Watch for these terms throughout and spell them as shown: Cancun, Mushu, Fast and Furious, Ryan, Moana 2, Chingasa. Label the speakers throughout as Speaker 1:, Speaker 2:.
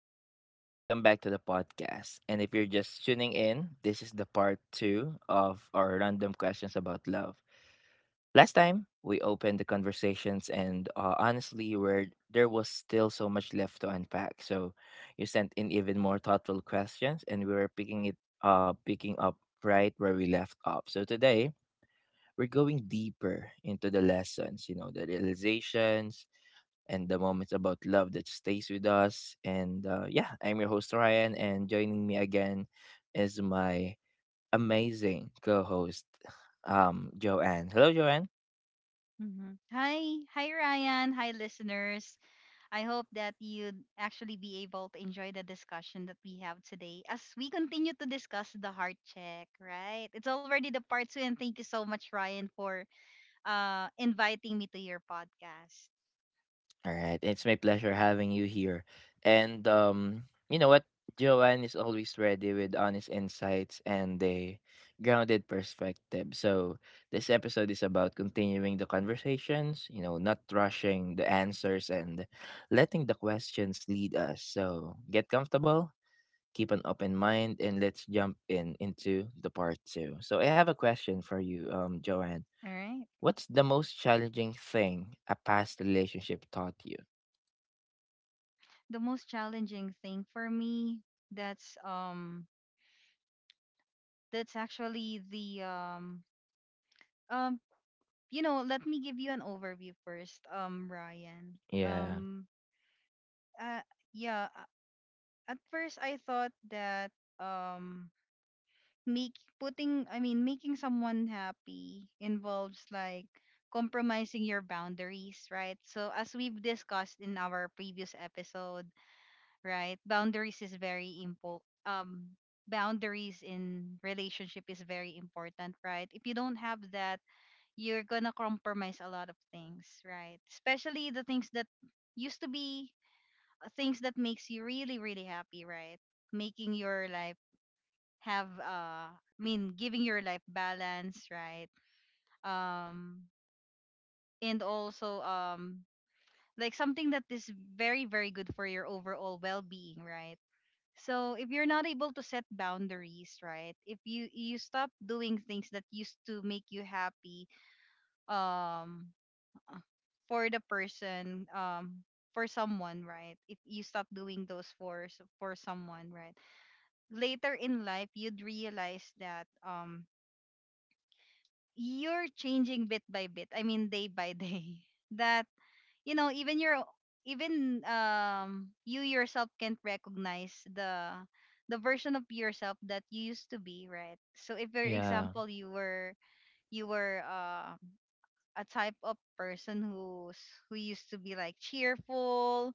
Speaker 1: everyone, welcome back to the podcast. And if you're just tuning in, this is the part two of our random questions about love. Last time, we opened the conversations, and honestly, where there was still so much left to unpack. So you sent in even more thoughtful questions, and we were picking up right where we left off. So today, we're going deeper into the lessons, you know, the realizations, and the moments about love that stays with us. And yeah, I'm your host, Ryan, and joining me again is my amazing co host, Joanne. Hello, Joanne.
Speaker 2: Mhm. Hi, hi Ryan, hi listeners. I hope that you'd actually be able to enjoy the discussion that we have today as we continue to discuss the heart check, right? It's already the part two, and thank you so much, Ryan, for inviting me to your podcast.
Speaker 1: All right. It's my pleasure having you here. And you know what? Joanne is always ready with honest insights and a grounded perspective. So this episode is about continuing the conversations, you know, not rushing the answers and letting the questions lead us. So get comfortable, keep an open mind, and let's jump in into the part two. So I have a question for you, Joanne.
Speaker 2: All right.
Speaker 1: What's the most challenging thing a past relationship taught you?
Speaker 2: The most challenging thing for me that's um that's actually the um you know, let me give you an overview first, Ryan.
Speaker 1: Yeah,
Speaker 2: Uh yeah, at first I thought that um make putting I mean making someone happy involves like compromising your boundaries, right? So as we've discussed in our previous episode, right? Um boundaries in relationship is very important, right? If you don't have that, you're gonna compromise a lot of things, right? Especially the things that used to be things that makes you really really happy, right? Making your life have giving your life balance, right? um and also like something that is very very good for your overall well-being, right? So if you're not able to set boundaries, right? If you stop doing things that used to make you happy, um uh, for the person, for someone, right? If you stop doing those for for someone, right? Later in life you'd realize that you're changing bit by bit, I mean day by day, that you know, even your, even you yourself can't recognize the version of yourself that you used to be, right? So if for
Speaker 1: yeah,
Speaker 2: example you were, you were a type of person who used to be like cheerful,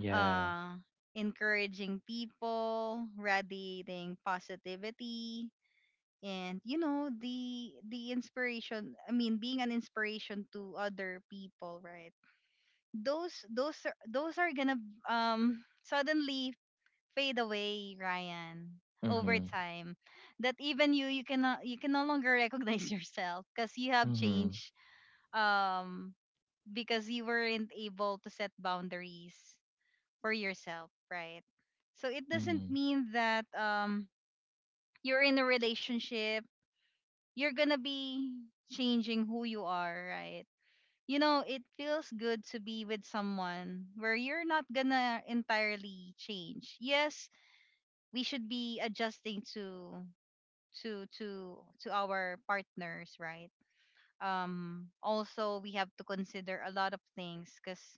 Speaker 1: yeah.
Speaker 2: uh encouraging people, radiating positivity, and you know, the inspiration I mean being an inspiration to other people, right? Those, those are gonna suddenly fade away, Ryan, over
Speaker 1: Mhm,
Speaker 2: time, that even you cannot, you can no longer recognize yourself because you have
Speaker 1: mhm,
Speaker 2: changed, um because you weren't able to set boundaries for yourself, right? So it doesn't
Speaker 1: mhm,
Speaker 2: mean that you're in a relationship, you're gonna be changing who you are, right? You know, it feels good to be with someone where you're not gonna entirely change. Yes, we should be adjusting to to to our partners, right? Um, also we have to consider a lot of things, cuz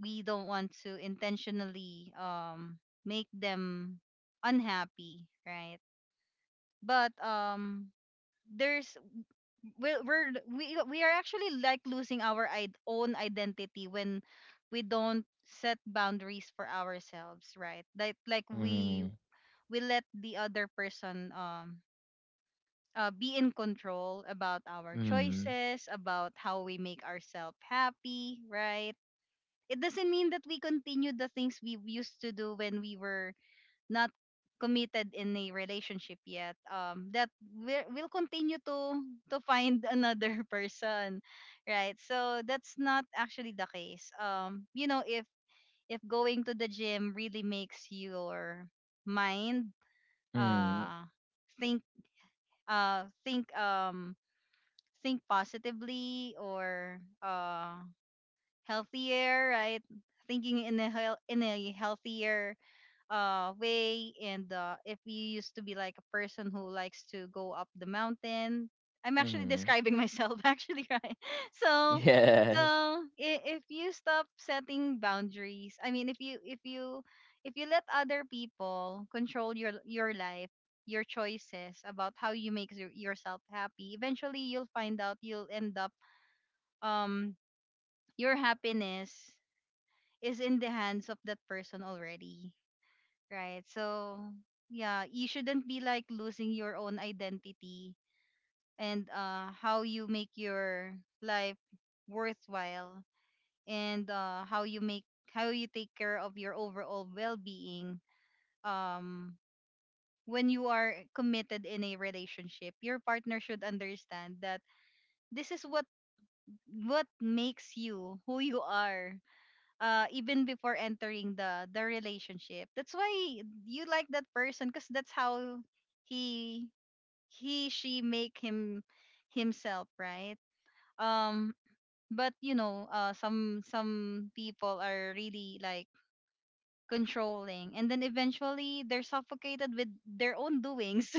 Speaker 2: we don't want to intentionally make them unhappy, right? But there's we're, we are actually like losing our own identity when we don't set boundaries for ourselves, right? Like
Speaker 1: mhm,
Speaker 2: we let the other person be in control about our
Speaker 1: mhm,
Speaker 2: choices, about how we make ourselves happy, right? It doesn't mean that we continue the things we used to do when we were not committed in a relationship yet, that we'll continue to find another person, right? So that's not actually the case. You know, if going to the gym really makes your mind
Speaker 1: mhm,
Speaker 2: uh think uh think um think positively, or healthier, right? Thinking in a healthier way, and if you used to be like a person who likes to go up the mountain, I'm actually
Speaker 1: mhm.
Speaker 2: describing myself actually, right? So
Speaker 1: Yes.
Speaker 2: so, if you stop setting boundaries, I mean if you, if you, if you let other people control your life, your choices about how you make yourself happy, eventually you'll find out, you'll end up, um your happiness is in the hands of that person already, right? So yeah, you shouldn't be like losing your own identity, and how you make your life worthwhile, and how you make, how you take care of your overall well-being. um when you are committed in a relationship, your partner should understand that this is what makes you who you are, even before entering the relationship. That's why you like that person, because that's how he, she make him himself, right? um but you know, some people are really like controlling, and then eventually they're suffocated with their own doings,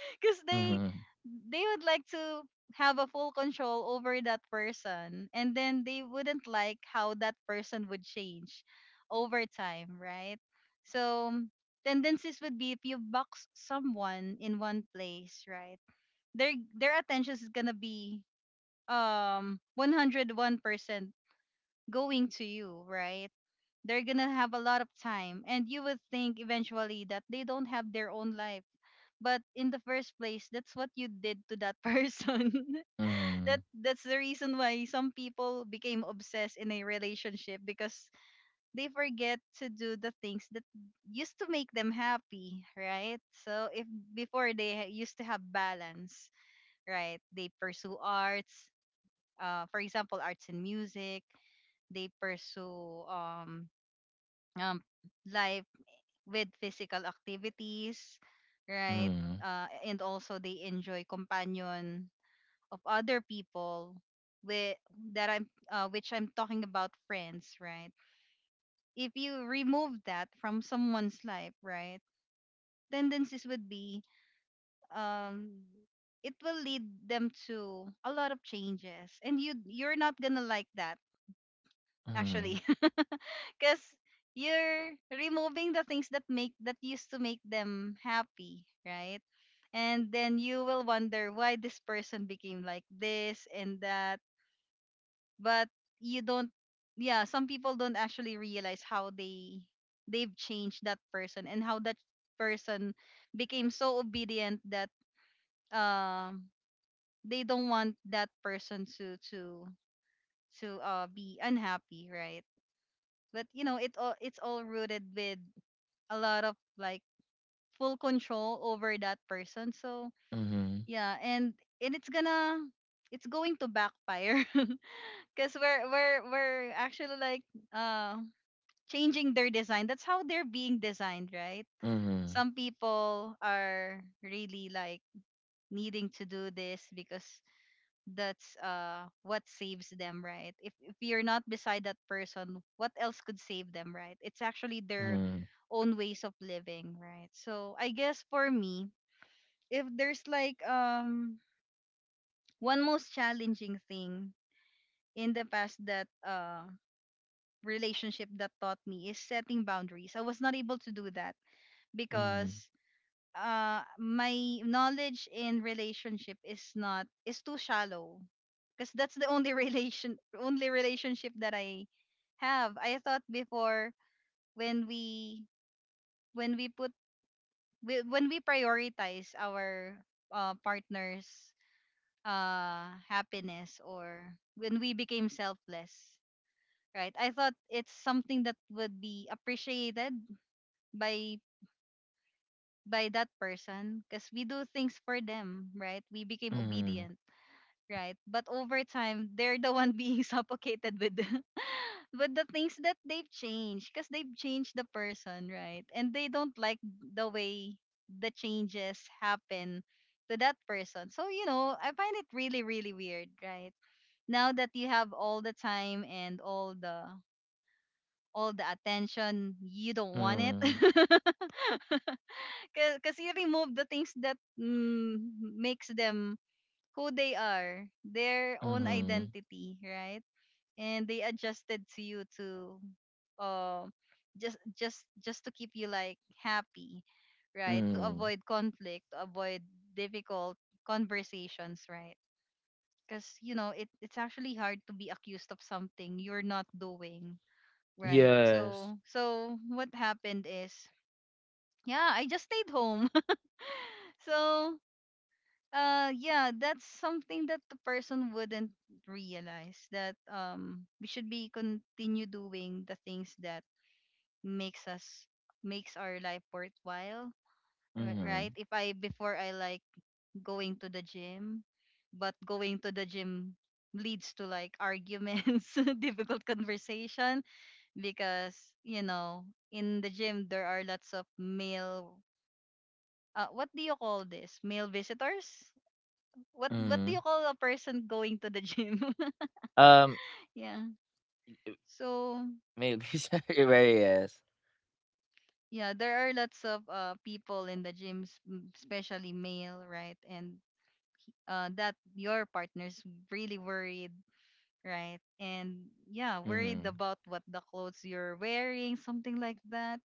Speaker 2: because they
Speaker 1: Mhm,
Speaker 2: they would like to have a full control over that person, and then they wouldn't like how that person would change over time, right? So tendencies would be, if you box someone in one place, right? Their attention is gonna be 101% going to you, right? They're gonna have a lot of time, and you would think eventually that they don't have their own life, but in the first place, that's what you did to that person. That,
Speaker 1: mhm,
Speaker 2: that's the reason why some people became obsessed in a relationship, because they forget to do the things that used to make them happy, right? So if before they used to have balance, right? They pursue arts, for example arts and music. They pursue um life with physical activities, right?
Speaker 1: mhm,
Speaker 2: And also they enjoy companion of other people with that I'm which I'm talking about friends, right? If you remove that from someone's life, right? Tendencies would be, um it will lead them to a lot of changes, and you're not going to like that,
Speaker 1: mhm,
Speaker 2: actually, because you're removing the things that make that used to make them happy, right? And then you will wonder why this person became like this and that. But you don't, yeah, some people don't actually realize how they, they've changed that person, and how that person became so obedient that um they don't want that person to be unhappy, right? But you know, it all, it's all rooted with a lot of like full control over that person. So
Speaker 1: mhm,
Speaker 2: yeah, and it's gonna, it's going to backfire, because we're actually like uh changing their design. That's how they're being designed, right? Some people are really like needing to do this because that's what saves them, right? If you're not beside that person, what else could save them, right? It's actually
Speaker 1: mhm,
Speaker 2: their
Speaker 1: mhm,
Speaker 2: own ways of living, right? So I guess for me, if there's like, one most challenging thing in the past that relationship that taught me, is setting boundaries. I was not able to do that
Speaker 1: mhm,
Speaker 2: because my knowledge in relationship is, not, is too shallow, because that's the only relationship that I have. I thought before, when we, when we put, when we prioritize our partner's happiness, or when we became selfless, right? I thought it's something that would be appreciated by by that person, because we do things for them, right? We became obedient, right? But over time, they're the one being suffocated with the, with the things that they've changed, because they've changed the person, right? And they don't like the way the changes happen to that person. So, you know, I find it really really weird, right? Now that you have all the time, and all the attention, you don't
Speaker 1: mhm,
Speaker 2: want
Speaker 1: mhm,
Speaker 2: it. Because you remove the things that, mm, makes them who they are, their own
Speaker 1: mhm,
Speaker 2: identity, right? And they adjusted to you, to um just to keep you like happy, right? To
Speaker 1: mhm.
Speaker 2: avoid conflict, to avoid difficult conversations, right? Because you know, it, it's actually hard to be accused of something you're not doing, right?
Speaker 1: Yes.
Speaker 2: So so what happened is, yeah, I just stayed home. So yeah, that's something that the person wouldn't realize, that we should be continue doing the things that makes us makes our life worthwhile,
Speaker 1: Mhm,
Speaker 2: right? If I, before, I like going to the gym, but going to the gym leads to like arguments, difficult conversation, because, you know, in the gym there are lots of male, what do you call this? Male visitors? What do
Speaker 1: mhm.
Speaker 2: you call a person going to the gym?
Speaker 1: Um,
Speaker 2: Yeah.
Speaker 1: y- y-
Speaker 2: So
Speaker 1: maybe sorry, very yes.
Speaker 2: yeah, there are lots of people in the gyms, especially male, right? And that your partner's really worried, right? And yeah, worried
Speaker 1: Mhm,
Speaker 2: about what, the clothes you're wearing, something like that.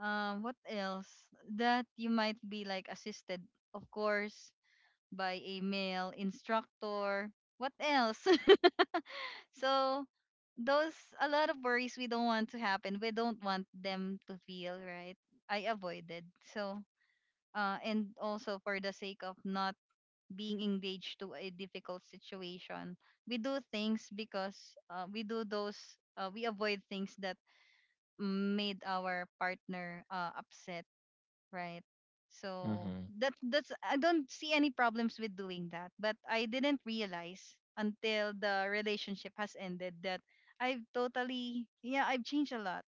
Speaker 2: What else? That you might be like assisted, of course, by a male instructor. What else? So those, a lot of worries we don't want to happen. We don't want them to feel, right? I avoided. So and also, for the sake of not being engaged to a difficult situation, we do things because we do those we avoid things that made our partner upset, right? So
Speaker 1: mhm,
Speaker 2: that, that's, I don't see any problems with doing that, but I didn't realize, until the relationship has ended, that I've totally, yeah, I've changed a lot.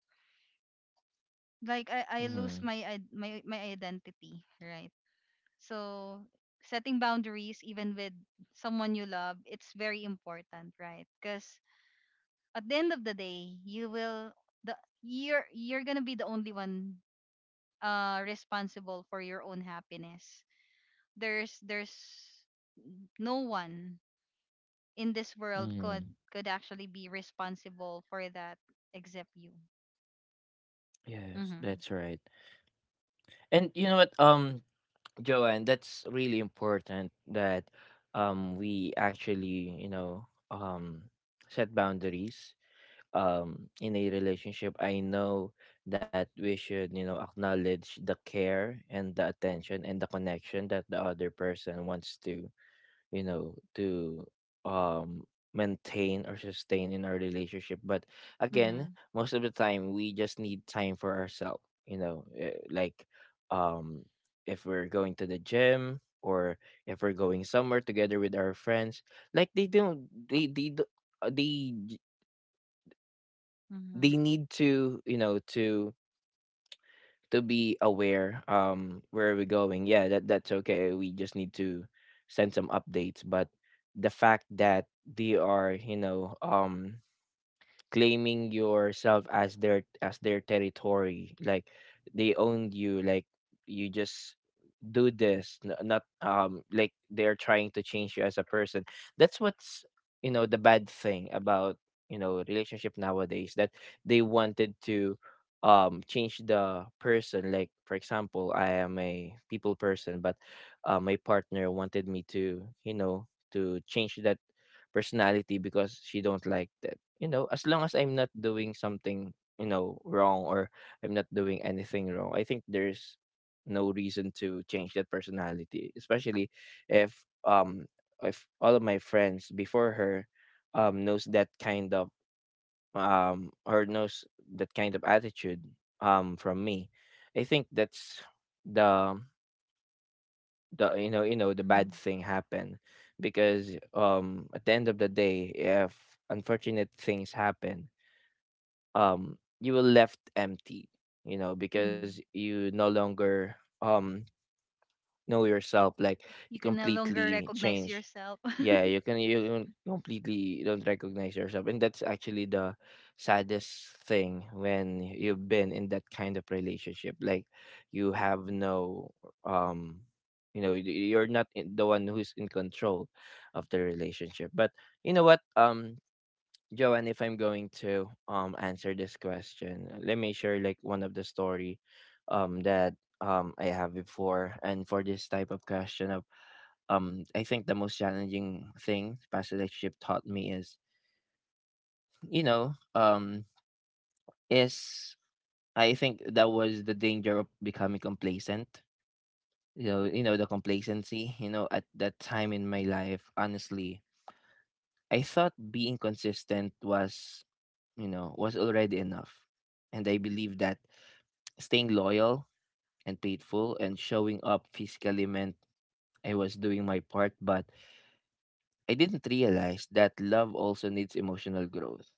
Speaker 2: Like I lose
Speaker 1: mhm,
Speaker 2: my my identity, right? So setting boundaries even with someone you love, it's very important, right? Because at the end of the day, you will the you're gonna be the only one responsible for your own happiness. There's no one in this world
Speaker 1: mhm.
Speaker 2: could actually be responsible for that except you.
Speaker 1: Yes,
Speaker 2: Mhm.
Speaker 1: that's right. And you know what, Joanne, that's really important that we actually, you know, set boundaries in a relationship. I know that we should, you know, acknowledge the care and the attention and the connection that the other person wants to, you know, to, um, maintain or sustain in our relationship, but again,
Speaker 2: Mhm.
Speaker 1: most of the time we just need time for ourselves, you know, eh, like, um, if we're going to the gym, or if we're going somewhere together with our friends, like they don't they do- they j- they
Speaker 2: Mhm.
Speaker 1: need to, you know, to be aware where are we going. Yeah, that that's okay, we just need to send some updates, but the fact that they are, you know, um, claiming yourself as their territory, like they owned you, like you just do this, not like they're trying to change you as a person. That's what's, you know, the bad thing about, you know, relationship nowadays, that they wanted to change the person. Like for example, I am a people person, but my partner wanted me to, you know, to change that personality because she don't like this. You know, as long as I'm not doing something, you know, wrong, or I'm not doing anything wrong, I think there's no reason to change that personality, especially if um if all of my friends before her knows that kind of, um, or knows that kind of attitude from me. I think that's the the, you know, you know the bad
Speaker 2: Mhm.
Speaker 1: thing happen because at the end of the day if unfortunate things happen you will left empty, you know, because
Speaker 2: Mhm.
Speaker 1: you no longer, um, know yourself, like
Speaker 2: You
Speaker 1: you
Speaker 2: can no longer
Speaker 1: completely
Speaker 2: recognize
Speaker 1: change.
Speaker 2: yourself.
Speaker 1: Yeah, you can, you don't- completely don't recognize yourself. And that's actually the saddest thing when you've been in that kind of relationship, like you have no, um, you know, you're not the one who's in control of the relationship. But you know what, um, Joanne, if I'm going to answer this question, let me share like one of the story that I have before. And for this type of question, of um, I think the most challenging thing past relationship taught me is, you know, um, is I think that was the danger of becoming complacent. You know the complacency, you know, at that time in my life, honestly, I thought being consistent was, you know, was already enough. And I believe that staying loyal and faithful and showing up physically meant I was doing my part, but I didn't realize that love also needs emotional growth.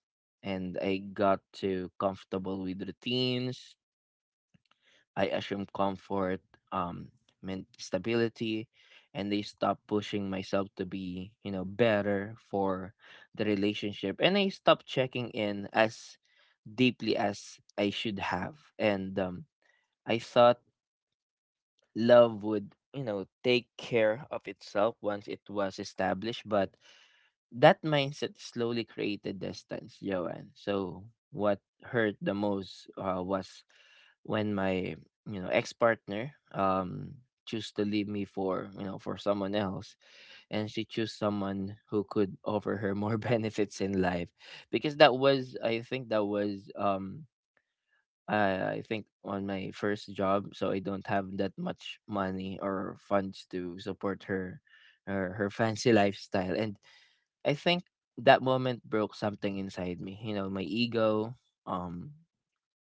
Speaker 1: And I got too comfortable with routines. I assumed comfort, um, meant stability, and they stopped pushing myself to be, you know, better for the relationship. And I stopped checking in as deeply as I should have. And I thought love would, you know, take care of itself once it was established. But that mindset slowly created distance, Joanne. So what hurt the most, was when my, you know, ex partner choose to leave me for, you know, for someone else, and she chose someone who could offer her more benefits in life because that was, I think that was um, I think on my first job, so I don't have that much money or funds to support her, her fancy lifestyle, and I think that moment broke something inside me. You know, my ego, um,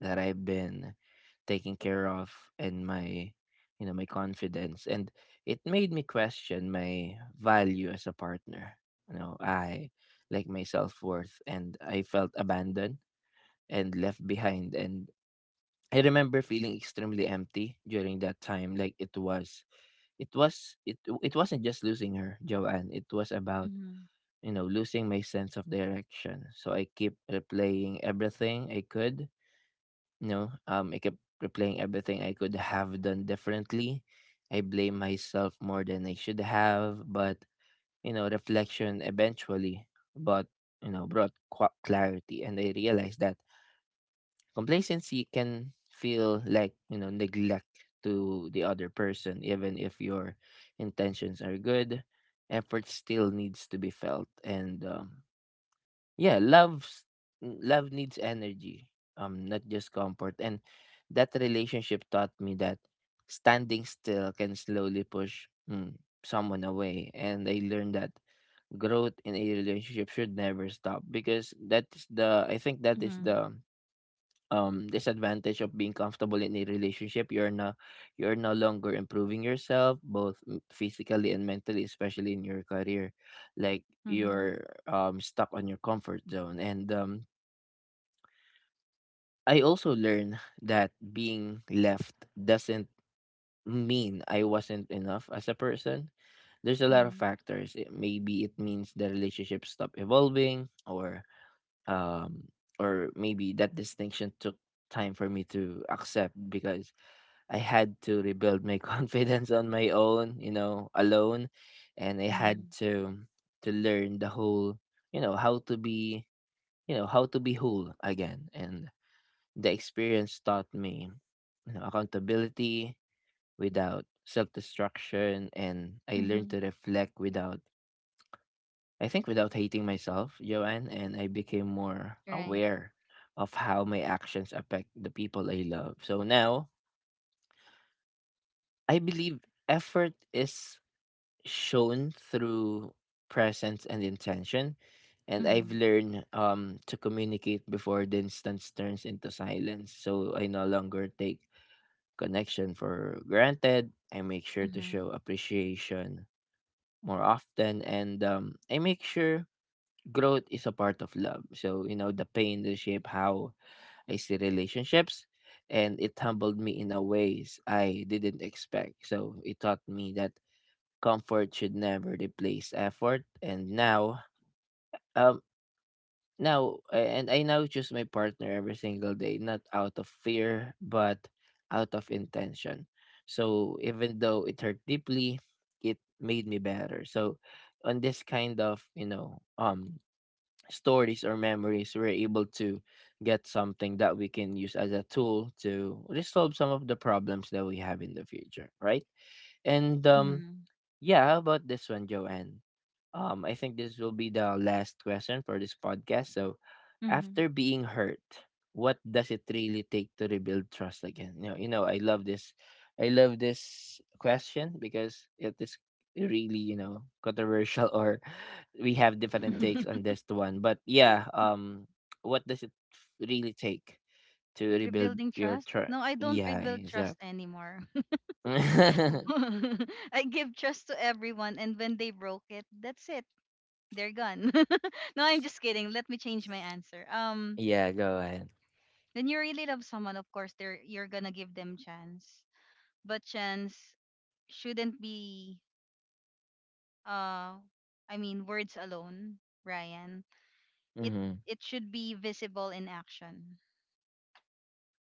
Speaker 1: that I've been taken care of, and my, you know, my confidence, and it made me question my value as a partner. You know, I like my self worth, and I felt abandoned and left behind, and I remember feeling extremely empty during that time. Like it it wasn't just losing her, Joanne. It was about,
Speaker 2: Mhm.
Speaker 1: you know, losing my sense of direction. So I keep replaying everything I could. You know, I kept replaying everything I could have done differently. I blame myself more than I should have, but, you know, reflection eventually, but, you know, brought qua clarity, and I realized that complacency can feel like, you know, neglect to the other person, even if your intentions are good. Effort still needs to be felt, and yeah, love's love needs energy, not just comfort. And that relationship taught me that standing still can slowly push mm, someone away, and I learned that growth in a relationship should never stop because that is the, I think that is
Speaker 2: Mhm.
Speaker 1: the, disadvantage of being comfortable in a relationship. You're no longer improving yourself, both physically and mentally, especially in your career. Like
Speaker 2: Mhm.
Speaker 1: you're, stuck on your comfort zone. And I also learned that being left doesn't mean I wasn't enough as a person. There's a lot of
Speaker 2: Mhm.
Speaker 1: factors. It, maybe it means the relationship stopped evolving, or, um, or maybe that distinction took time for me to accept because I had to rebuild my confidence on my own, you know, alone, and I had
Speaker 2: Mhm.
Speaker 1: to to learn the whole, you know, how to be, you know, how to be whole again. And the experience taught me, you know, accountability without self-destruction, and I learned
Speaker 2: Mhm.
Speaker 1: to reflect without, I think, without hating myself, Joanne, and I became more
Speaker 2: Right.
Speaker 1: aware of how my actions affect the people I love. So now I believe effort is shown through presence and intention. And I've
Speaker 2: Mhm.
Speaker 1: learned, to communicate before the instance turns into silence. So I no longer take connection for granted. I make sure to show
Speaker 2: Mhm.
Speaker 1: appreciation more often. And I make sure growth is a part of love. So, you know, the pain will shape how I see relationships. And it humbled me in a ways I didn't expect. So it taught me that comfort should never replace effort. And now, um, now, and I now choose my partner every single day, not out of fear, but out of intention. So even though it hurt deeply, it made me better. So on this kind of, you know, stories or memories, we're able to get something that we can use as a tool to resolve some of the problems that we have in the future, right? And
Speaker 2: Mhm.
Speaker 1: yeah, how about this one, Joanne? I think this will be the last question for this podcast. So,
Speaker 2: Mhm.
Speaker 1: after being hurt, what does it really take to rebuild trust again? You know, I love this. I love this question because it is really, you know, controversial, or we have different takes on this one. But yeah, what does it really take to rebuild
Speaker 2: Rebuilding
Speaker 1: your
Speaker 2: trust?
Speaker 1: trust?
Speaker 2: No, I don't
Speaker 1: Yeah,
Speaker 2: rebuild trust
Speaker 1: exactly.
Speaker 2: anymore. I give trust to everyone, and when they broke it, that's it. They're gone. No, I'm just kidding. Let me change my answer.
Speaker 1: Yeah, go ahead.
Speaker 2: When you really love someone, of course, they're you're gonna give them chance, but chance shouldn't be uh, I mean words alone, Ryan. It
Speaker 1: Mm-hmm.
Speaker 2: it should be visible in action.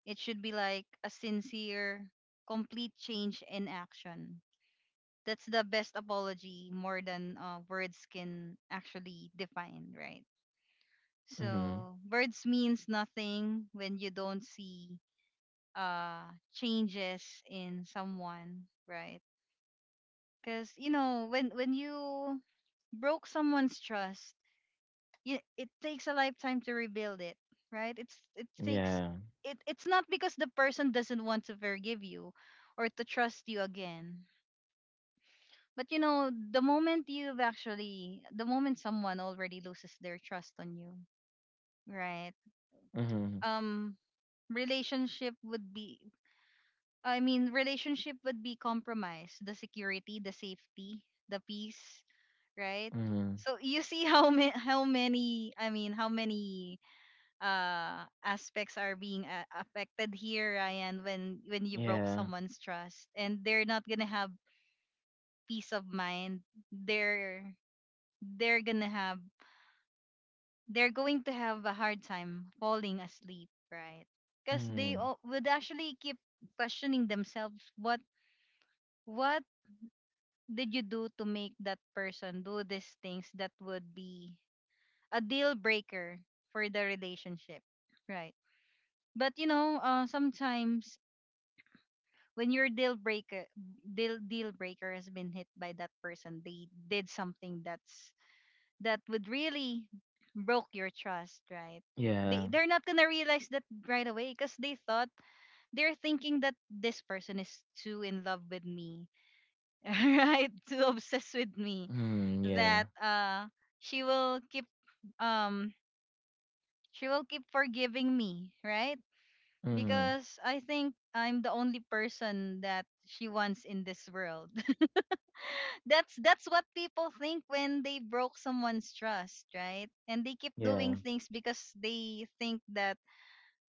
Speaker 2: It should be like a sincere, complete change in action. That's the best apology more than words can actually define, right?
Speaker 1: Mm-hmm.
Speaker 2: So birds means nothing when you don't see changes in someone, right? Because you know when you broke someone's trust, you, it takes a lifetime to rebuild it, right? It takes
Speaker 1: Yeah.
Speaker 2: it's not because the person doesn't want to forgive you or to trust you again. But you know, the moment someone already loses their trust on you, right?
Speaker 1: Mhm.
Speaker 2: um relationship would be relationship would be compromised, the security, the safety, the peace, right?
Speaker 1: Mhm.
Speaker 2: So you see how many how many aspects are being affected here, Ryan, when you broke
Speaker 1: Yeah.
Speaker 2: someone's trust, and they're not gonna have peace of mind. they're they're gonna have they're going to have a hard time falling asleep, right? Because
Speaker 1: Mhm.
Speaker 2: would actually keep questioning themselves, what what did you do to make that person do these things that would be a deal breaker for the relationship, right? But you know, sometimes when your deal breaker has been hit by that person, they did something that's that would really broke your trust, right?
Speaker 1: Yeah.
Speaker 2: They're not gonna realize that right away because they're thinking that this person is too in love with me, right? Too obsessed with me
Speaker 1: Mhm. Yeah.
Speaker 2: that she will keep um she will keep forgiving me, right?
Speaker 1: Mhm.
Speaker 2: Because I think I'm the only person that she wants in this world. That's what people think when they broke someone's trust, right? And they keep doing
Speaker 1: Yeah.
Speaker 2: things because they think that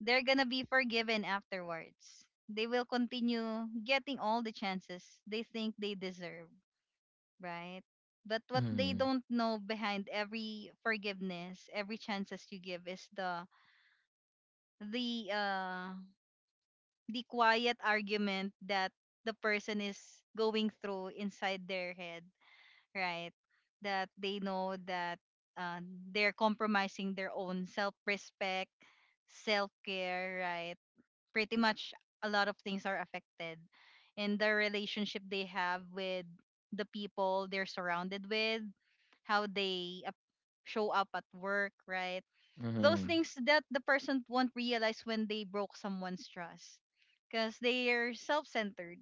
Speaker 2: they're gonna be forgiven afterwards. They will continue getting all the chances they think they deserve, right? But what they
Speaker 1: Mhm.
Speaker 2: don't know, behind every forgiveness, every chances you give, is the uh the quiet argument that the person is going through inside their head, right? That they know that uh, they're compromising their own self respect, self care, right? Pretty much a lot of things are affected. And the relationship they have with the people they're surrounded with, how they ap- show up at work, right? Those
Speaker 1: Mhm.
Speaker 2: things that the person won't realize when they broke someone's trust because they are self centered.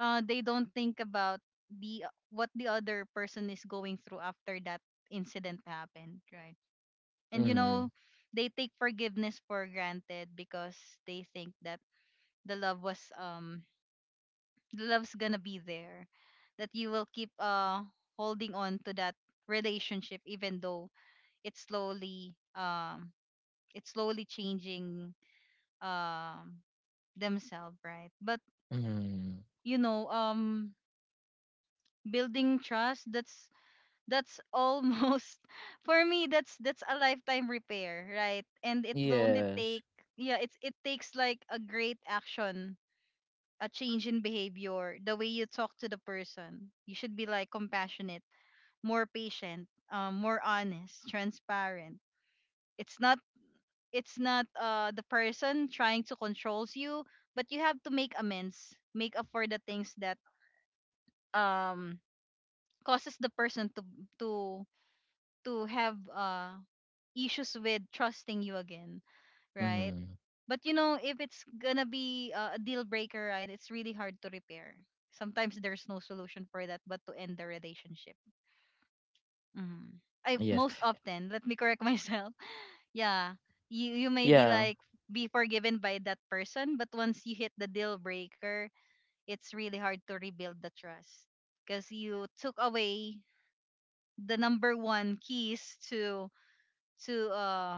Speaker 2: They don't think about the what the other person is going through after that incident happened, right? And you know,
Speaker 1: Mhm.
Speaker 2: they take forgiveness for granted because they think that the love was um the love's gonna be there, that you will keep holding on to that relationship even though it's slowly um it's slowly changing um themselves, right? But
Speaker 1: Mhm.
Speaker 2: you know, building trust, that's almost, for me, that's a lifetime repair, right? And it will only
Speaker 1: Yes.
Speaker 2: take, yeah, it takes like a great action, a change in behavior, the way you talk to the person. You should be like compassionate, more patient, more honest, transparent. It's not it's not the person trying to controls you, but you have to make amends, make up for the things that um causes the person to to have issues with trusting you again, right?
Speaker 1: Mhm.
Speaker 2: But you know, if it's gonna be a deal breaker, right, it's really hard to repair. Sometimes there's no solution for that but to end the relationship. Mm. I
Speaker 1: Yes.
Speaker 2: most often, let me correct myself. Yeah, you may be
Speaker 1: Yeah.
Speaker 2: like be forgiven by that person, but once you hit the deal breaker, it's really hard to rebuild the trust because you took away the number one keys to to uh,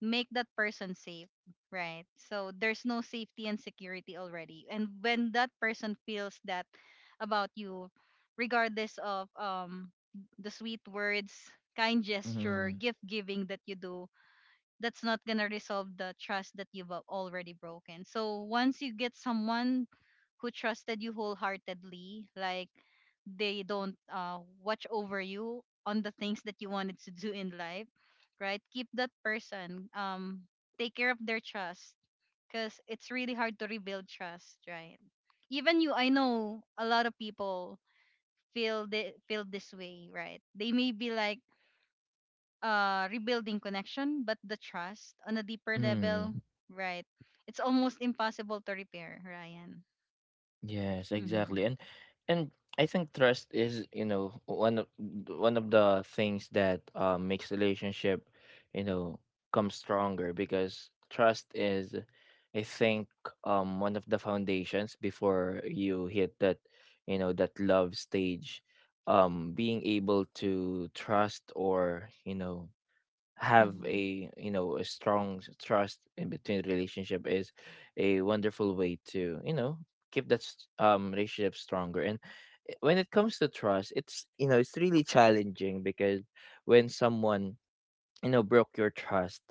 Speaker 2: make that person safe, right? So there's no safety and security already. And when that person feels that about you, regardless of the sweet words, kind gesture,
Speaker 1: Mhm.
Speaker 2: gift giving that you do, that's not going to resolve the trust that you've already broken. So once you get someone who trusted you wholeheartedly, like they don't watch over you on the things that you wanted to do in life, right? Keep that person. Take care of their trust because it's really hard to rebuild trust, right? Even you, I know a lot of people feel, they feel this way, right? They may be like rebuilding connection, but the trust on a deeper level,
Speaker 1: Mhm.
Speaker 2: right? It's almost impossible to repair, Ryan.
Speaker 1: Yes,
Speaker 2: Mm-hmm.
Speaker 1: exactly. And I think trust is, you know, one of the things that, makes relationship, you know, come stronger because trust is, I think, one of the foundations before you hit that, you know, that love stage. Being able to trust, or, you know, have
Speaker 2: Mm-hmm.
Speaker 1: a, you know, a strong trust in between relationship is a wonderful way to, you know, keep that relationship stronger. And when it comes to trust, it's, you know, it's really challenging because when someone, you know, broke your trust,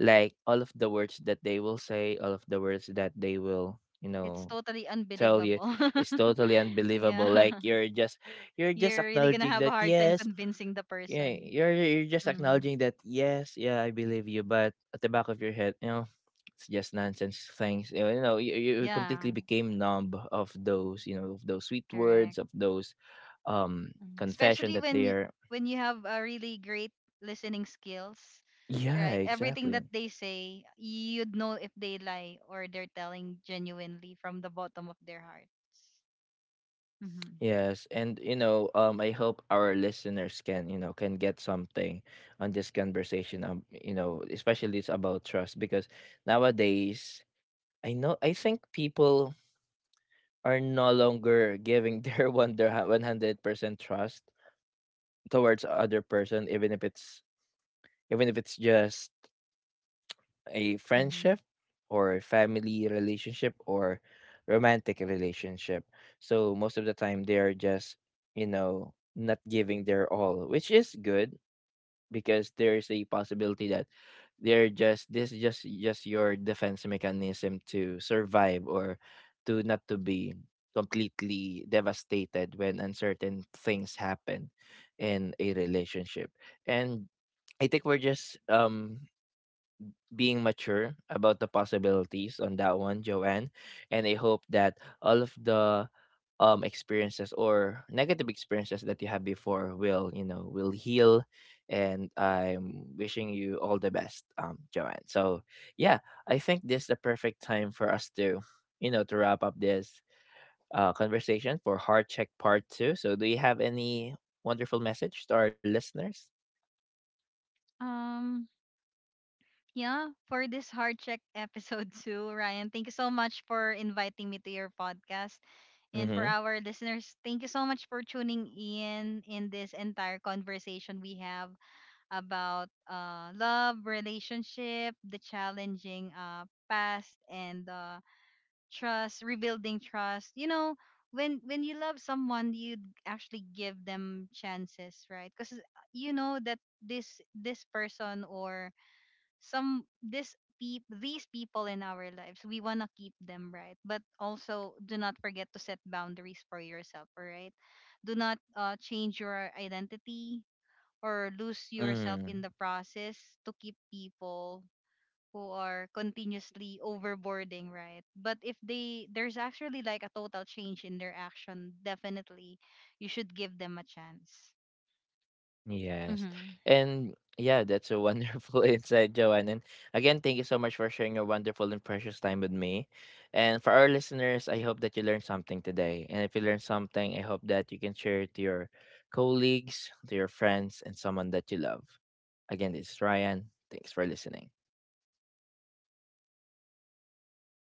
Speaker 1: like all of the words that they will say, all of the words that they will, you
Speaker 2: It's
Speaker 1: know,
Speaker 2: totally
Speaker 1: tell you
Speaker 2: unbelievable.
Speaker 1: is totally unbelievable. Like
Speaker 2: Yeah.
Speaker 1: you're just you're just
Speaker 2: You're really going to
Speaker 1: acknowledging
Speaker 2: have a
Speaker 1: that
Speaker 2: hard time
Speaker 1: yes,
Speaker 2: convincing the
Speaker 1: yeah,
Speaker 2: person.
Speaker 1: you're just
Speaker 2: Mm.
Speaker 1: acknowledging that yes, yeah, I believe you, but at the back of your head, you know, it's just nonsense things. You know, you, know, you completely
Speaker 2: Yeah,
Speaker 1: became numb of those, you know, of those sweet
Speaker 2: correct.
Speaker 1: words, of those
Speaker 2: Mm.
Speaker 1: confession
Speaker 2: Especially
Speaker 1: that
Speaker 2: when
Speaker 1: they're.
Speaker 2: when you have a really great listening skills,
Speaker 1: Yeah,
Speaker 2: right? Everything that
Speaker 1: exactly.
Speaker 2: they say, you'd know if they lie or they're telling genuinely from the bottom of their hearts. Mm-hmm.
Speaker 1: Yes, and you know, um, I hope our listeners can, you know, can get something on this conversation, um, you know, especially it's about trust because nowadays, I know, I think people are no longer giving their 100% trust towards other person, even if it's, even if it's just a
Speaker 2: Mm-hmm.
Speaker 1: friendship, or a family relationship, or romantic relationship. So most of the time they are just, you know, not giving their all, which is good because there's a possibility that they're just this is just your defense mechanism to survive, or to not to be completely devastated when uncertain things happen in a relationship. And I think we're just, um, being mature about the possibilities on that one, Joanne. And I hope that all of the experiences or negative experiences that you had before will, you know, will heal. And I'm wishing you all the best, Joanne. So yeah, I think this is the perfect time for us to, you know, to wrap up this, conversation for Heart Check Part Two. So do you have any wonderful message to our listeners?
Speaker 2: Um, yeah, for this hard check episode two, Ryan, thank you so much for inviting me to your podcast. And for
Speaker 1: Mm-hmm.
Speaker 2: our listeners, thank you so much for tuning in this entire conversation we have about love, relationship, the challenging past, and trust, rebuilding trust. You know, when you love someone, you actually give them chances, right? Because you know that this person, or some this peop these people in our lives, we wanna keep them, right? But also do not forget to set boundaries for yourself, all right? Do not change your identity or lose yourself in
Speaker 1: Mm-hmm.
Speaker 2: the process to keep people who are continuously overboarding, right? But if they there's actually like a total change in their action, definitely you should give them a chance.
Speaker 1: Yes. And yeah, that's a wonderful insight, Joanne. And again, thank you so much for sharing your wonderful and precious time with me. And for our listeners, I hope that you learned something today. And if you learned something, I hope that you can share it to your colleagues, to your friends, and someone that you love. Again, this is Ryan. Thanks for listening.